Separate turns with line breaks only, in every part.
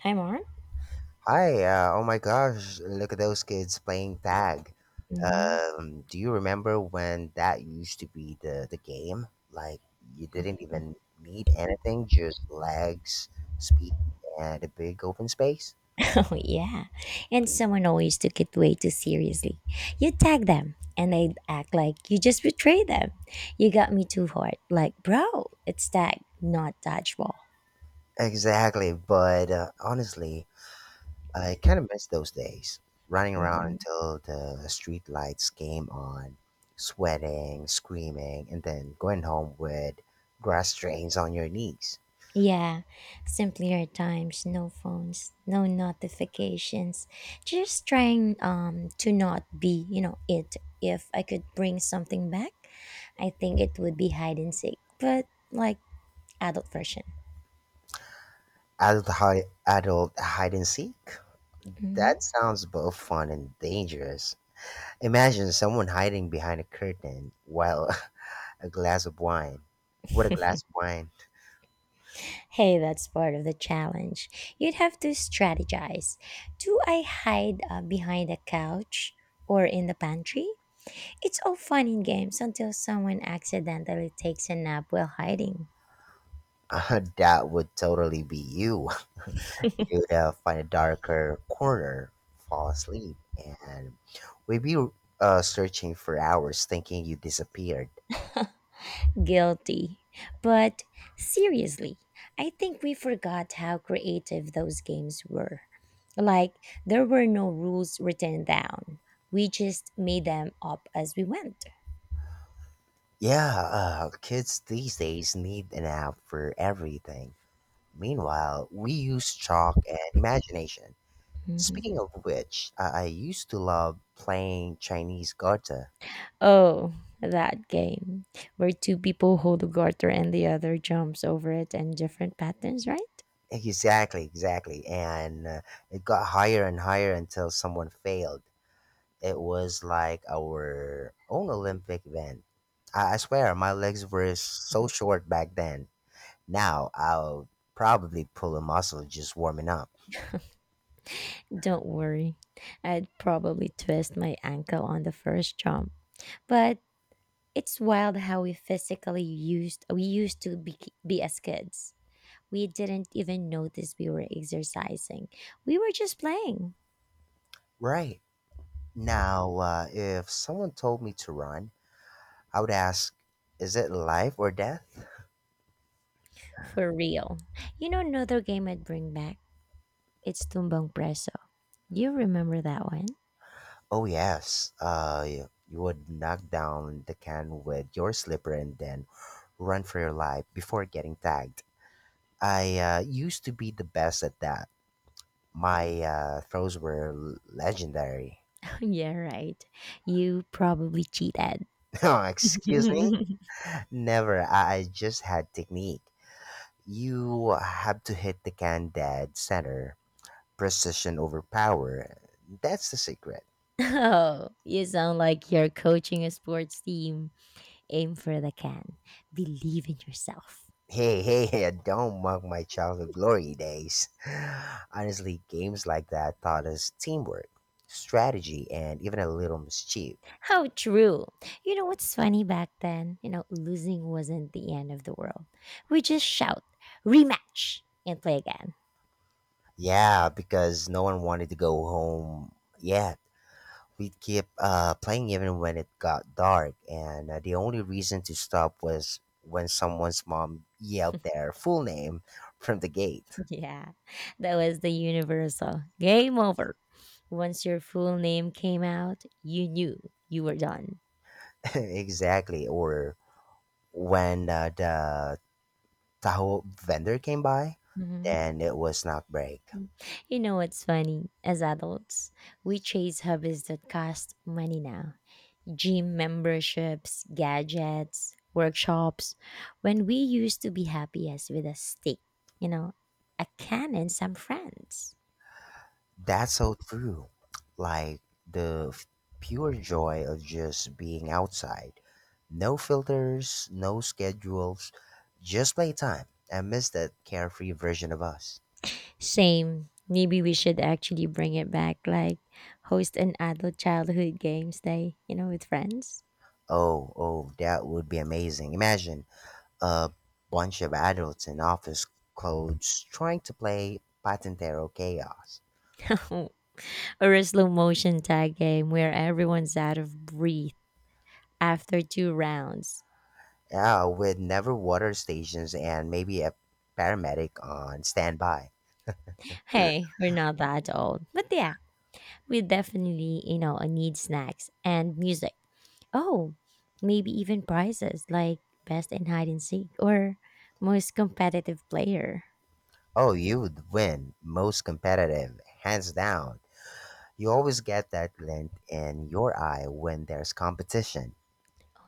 Hi, Mom.
Hi, oh my gosh, look at those kids playing tag.
Mm.
Do you remember when that used to be the game? Like, you didn't even need anything, just legs, speed, and a big open space?
Oh, yeah. And someone always took it way too seriously. You tag them, and they act like you just betrayed them. You got me too hard. Like, bro, it's tag, not dodgeball.
Exactly, but honestly, I kind of miss those days. Running around
Mhm.
until the street lights came on, sweating, screaming, and then going home with grass stains on your knees.
Yeah, simpler times, no phones, no notifications. Just trying to not be it. If I could bring something back, I think it would be hide and seek, but like adult version.
Adult hide and seek?
Mm-hmm.
That sounds both fun and dangerous. Imagine someone hiding behind a curtain while a glass of wine. What a glass of wine.
Hey, that's part of the challenge. You'd have to strategize. Do I hide behind a couch or in the pantry? It's all fun in games until someone accidentally takes a nap while hiding.
That would totally be you. You'd find a darker corner, fall asleep, and we'd be searching for hours thinking you disappeared.
Guilty. But seriously, I think we forgot how creative those games were. Like, there were no rules written down, we just made them up as we went.
Yeah, kids these days need an app for everything. Meanwhile, we use chalk and imagination.
Mm-hmm.
Speaking of which, I used to love playing Chinese Garter.
Oh, that game where two people hold a garter and the other jumps over it in different patterns, right?
Exactly, exactly. And it got higher and higher until someone failed. It was like our own Olympic event. I swear, my legs were so short back then. Now I'll probably pull a muscle just warming up.
Don't worry. I'd probably twist my ankle on the first jump. But it's wild how we physically used we used to be as kids. We didn't even notice we were exercising. We were just playing.
Right. Now, if someone told me to run, I would ask, is it life or death?
For real. You know another game I'd bring back? It's Tumbang Preso. You remember that one?
Oh yes, you would knock down the can with your slipper and then run for your life before getting tagged. I used to be the best at that. My throws were legendary.
Yeah, right. You probably cheated.
No, excuse me? Never. I just had technique. You have to hit the can dead center. Precision over power. That's the secret.
Oh, you sound like you're coaching a sports team. Aim for the can. Believe in yourself.
Hey, hey, hey, don't mock my childhood glory days. Honestly, games like that taught us teamwork, strategy, and even a little mischief.
How true. You know what's funny back then? You know, losing wasn't the end of the world. We just shout, rematch, and play again.
Yeah, because no one wanted to go home yet. We'd keep playing even when it got dark, and the only reason to stop was when someone's mom yelled their full name from the gate.
Yeah, that was the universal game over. Once your full name came out, you knew you were done.
Exactly, or when the taho vendor came by,
Hmm.
then it was not break.
You know what's funny? As adults, we chase hobbies that cost money now, gym memberships, gadgets, workshops, when we used to be happiest with a stick, you know, a can and some friends.
That's so true. Like the f- pure joy of just being outside. No filters, no schedules, just playtime. I miss that carefree version of us.
Same. Maybe we should actually bring it back, like host an adult childhood games day, you know, with friends.
Oh, oh, that would be amazing. Imagine a bunch of adults in office clothes trying to play Patentero Chaos.
Or a slow motion tag game where everyone's out of breath after two rounds.
Yeah, with never water stations and maybe a paramedic on standby.
Hey, we're not that old. But yeah, we definitely, you know, need snacks and music. Oh, maybe even prizes like best in hide and seek or most competitive player,
Oh, you would win. Most competitive, hands down. You always get that glint in your eye when there's competition.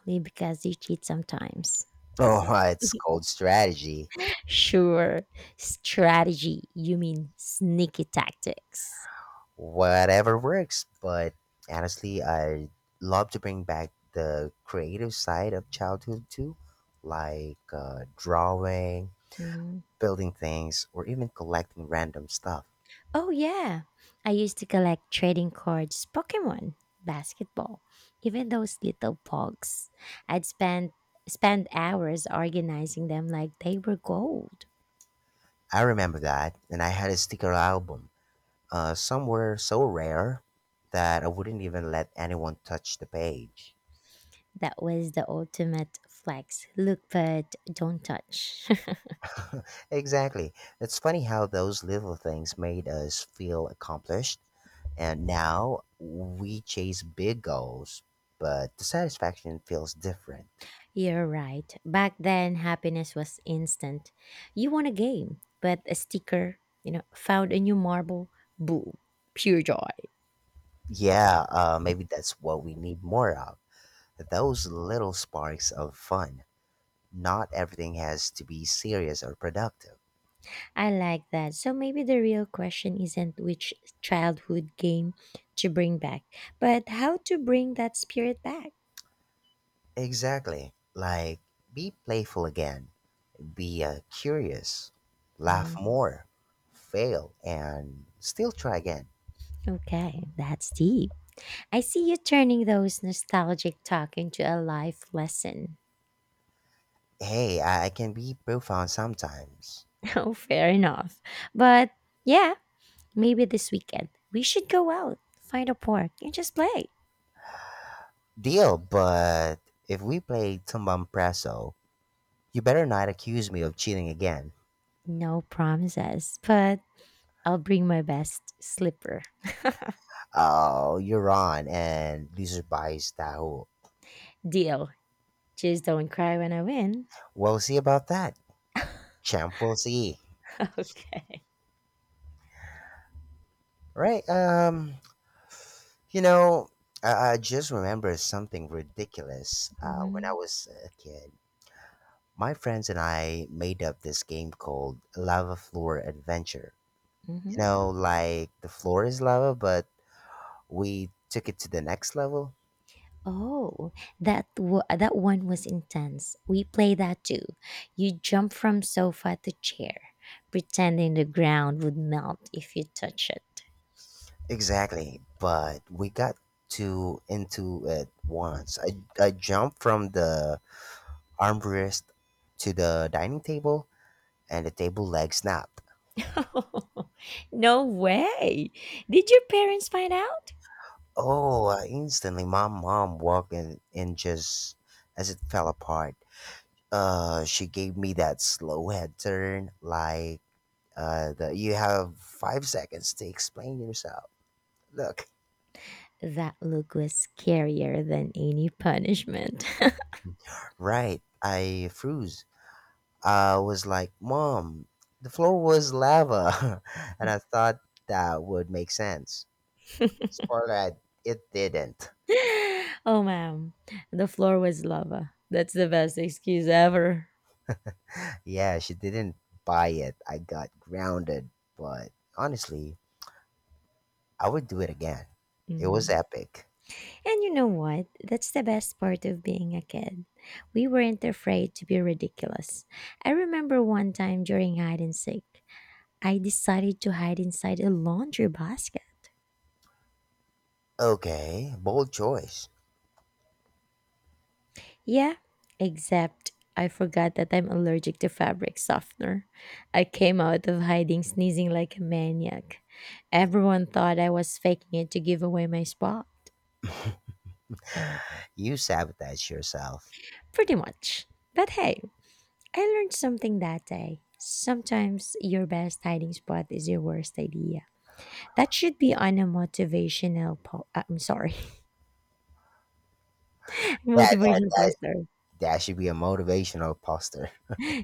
only because you cheat sometimes.
Oh, it's called strategy.
Sure. Strategy. You mean sneaky tactics.
Whatever works, but honestly, I love to bring back the creative side of childhood too, like drawing,
Hmm.
building things, or even collecting random stuff.
Oh, yeah. I used to collect trading cards, Pokemon, basketball, even those little pogs. I'd spend hours organizing them like they were gold.
I remember that, and I had a sticker album. Some were so rare that I wouldn't even let anyone touch the page.
That was the ultimate flex. Look, but don't touch.
Exactly. It's funny how those little things made us feel accomplished, and now we chase big goals, but the satisfaction feels different.
You're right. Back then, happiness was instant. You won a game, but a sticker, you know, found a new marble, boom, pure joy.
Yeah, maybe that's what we need more of, those little sparks of fun. Not everything has to be serious or productive.
I like that. So maybe the real question isn't which childhood game to bring back, but how to bring that spirit back.
Exactly. Like, be playful again. Be curious, laugh
Mm.
more, fail, and still try again.
Okay, that's deep. I see you turning those nostalgic talk into a life lesson.
Hey, I can be profound sometimes.
Oh, fair enough. But yeah, maybe this weekend we should go out, find a park, and just play.
Deal, but if we play Tumbam Presso, you better not accuse me of cheating again.
No promises, but I'll bring my best slipper.
Oh, you're on, and loser buys Tahu.
Deal. Just don't cry when I win.
We'll see about that. Champ, we'll see.
Okay.
Right, you know, I just remember something ridiculous when I
Hmm.
was a kid. My friends and I made up this game called Lava Floor Adventure. You
Hmm.
know, like the floor is lava, but we took it to the next level.
Oh, that one was intense. We played that too. You jump from sofa to chair, pretending the ground would melt if you touch it.
Exactly, but we got too into it once. I jumped from the armrest to the dining table, and the table leg snapped.
No way! Did your parents find out?
Oh, instantly my mom walked in and just as it fell apart. She gave me that slow head turn, like you have 5 seconds to explain yourself. Look,
That look was scarier than any punishment.
right, I froze. I was like, Mom, the floor was lava. And I thought that would make sense. Spoiler, it didn't.
Oh, ma'am, the floor was lava. That's the best excuse ever.
Yeah, she didn't buy it. I got grounded. But honestly, I would do it again. It was
Mm.
epic.
And you know what? That's the best part of being a kid. We weren't afraid to be ridiculous. I remember one time during hide and seek, I decided to hide inside a laundry basket.
Okay, bold choice.
Yeah, except I forgot that I'm allergic to fabric softener. I came out of hiding sneezing like a maniac. Everyone thought I was faking it to give away my spot.
You sabotage yourself.
Pretty much. But hey, I learned something that day. Sometimes your best hiding spot is your worst idea. That should be on a I'm sorry,
That, that,
motivational
that,
poster.
that should be a motivational poster.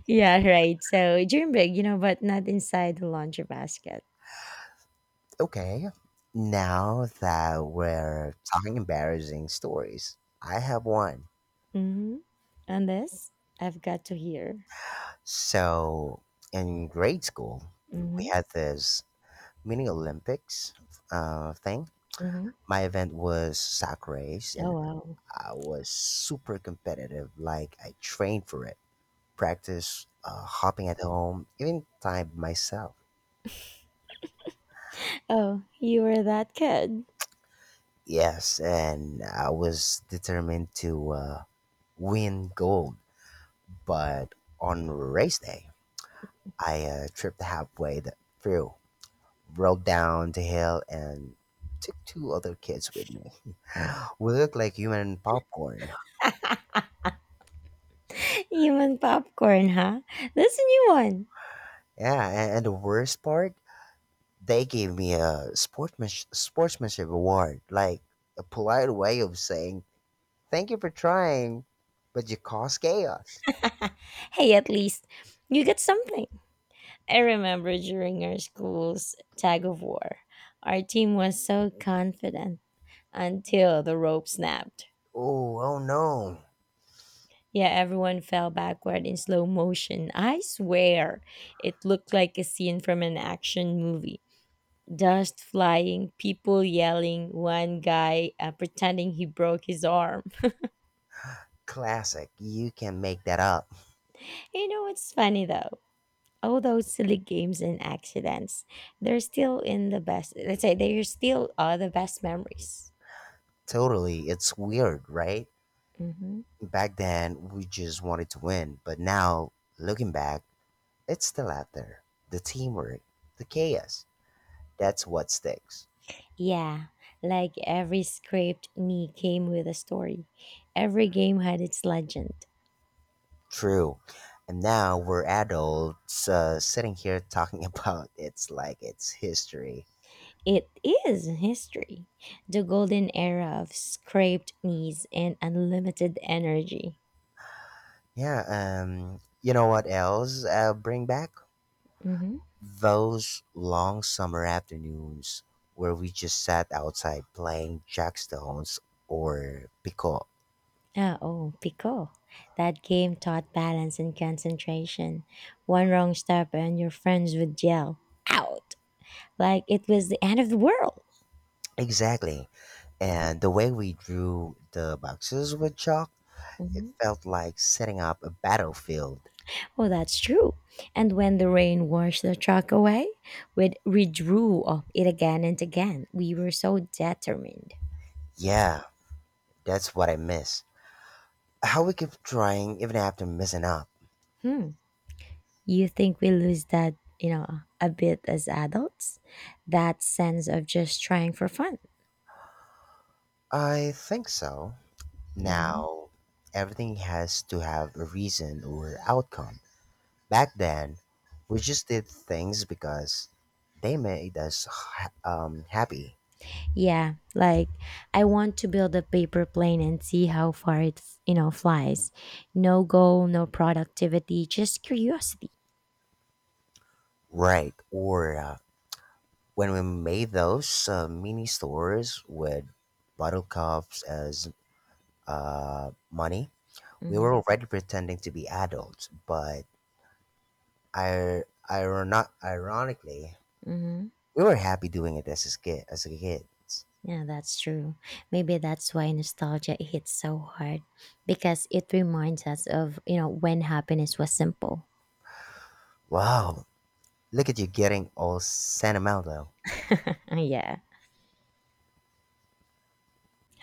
Yeah, right. So during break, you know, but not inside the laundry basket.
Okay, now that we're talking embarrassing stories, I have one.
Mm-hmm. And this, I've got to hear.
So, in grade school, we
Mm-hmm.
had this mini Olympics thing.
Mm-hmm.
My event was sack race,
Oh,
and
wow.
I was super competitive. Like, I trained for it, practiced hopping at home, even timed myself.
Oh, you were that kid.
Yes, and I was determined to win gold, but on race day, I tripped through, rolled down the hill, and took two other kids with me. We looked like human popcorn.
Human popcorn, huh? That's a new one.
Yeah, and the worst part, they gave me a sportsmanship award, like a polite way of saying, thank you for trying, but you caused chaos.
Hey, at least you get something. I remember during our school's tag of war, our team was so confident until the rope snapped.
Oh, oh no.
Yeah, everyone fell backward in slow motion. I swear, it looked like a scene from an action movie. Dust flying, people yelling, one guy pretending he broke his arm.
Classic. You can make that up.
You know what's funny though? All those silly games and accidents, they're still in the best, let's say they're still the best memories.
Totally. It's weird, right?
Hmm.
Back then, we just wanted to win, but now, looking back, it's the latter, the teamwork, the chaos. That's what sticks.
Yeah, like every scraped knee came with a story, every game had its legend.
True. And now we're adults sitting here talking about it's like it's history.
It is history, the golden era of scraped knees and unlimited energy.
Yeah, you know what else bring back?
Mhm.
Those long summer afternoons where we just sat outside playing jackstones or pico.
Ah, oh, Pico. That game taught balance and concentration. One wrong step and your friends would yell, out, like it was the end of the world.
Exactly. And the way we drew the boxes with chalk, it
Mhm.
felt like setting up a battlefield.
Oh, that's true. And when the rain washed the truck away, we'd, we of it again and again. We were so determined.
Yeah, that's what I miss. How we keep trying even after messing up.
Hmm. You think we lose that, you know, a bit as adults? That sense of just trying for fun.
I think so.
Hmm.
Now, everything has to have a reason or outcome. Back then, we just did things because they made us happy.
Yeah, like I want to build a paper plane and see how far it's you know flies. No goal, no productivity, just curiosity.
Right. Or when we made those mini stores with bottle cups as money, we
Hmm.
were already pretending to be adults, but I, ironically,
Hmm.
we were happy doing it as a kid.
Yeah, that's true. Maybe that's why nostalgia hits so hard because it reminds us of you know when happiness was simple.
Wow, look at you getting all sentimental.
Yeah.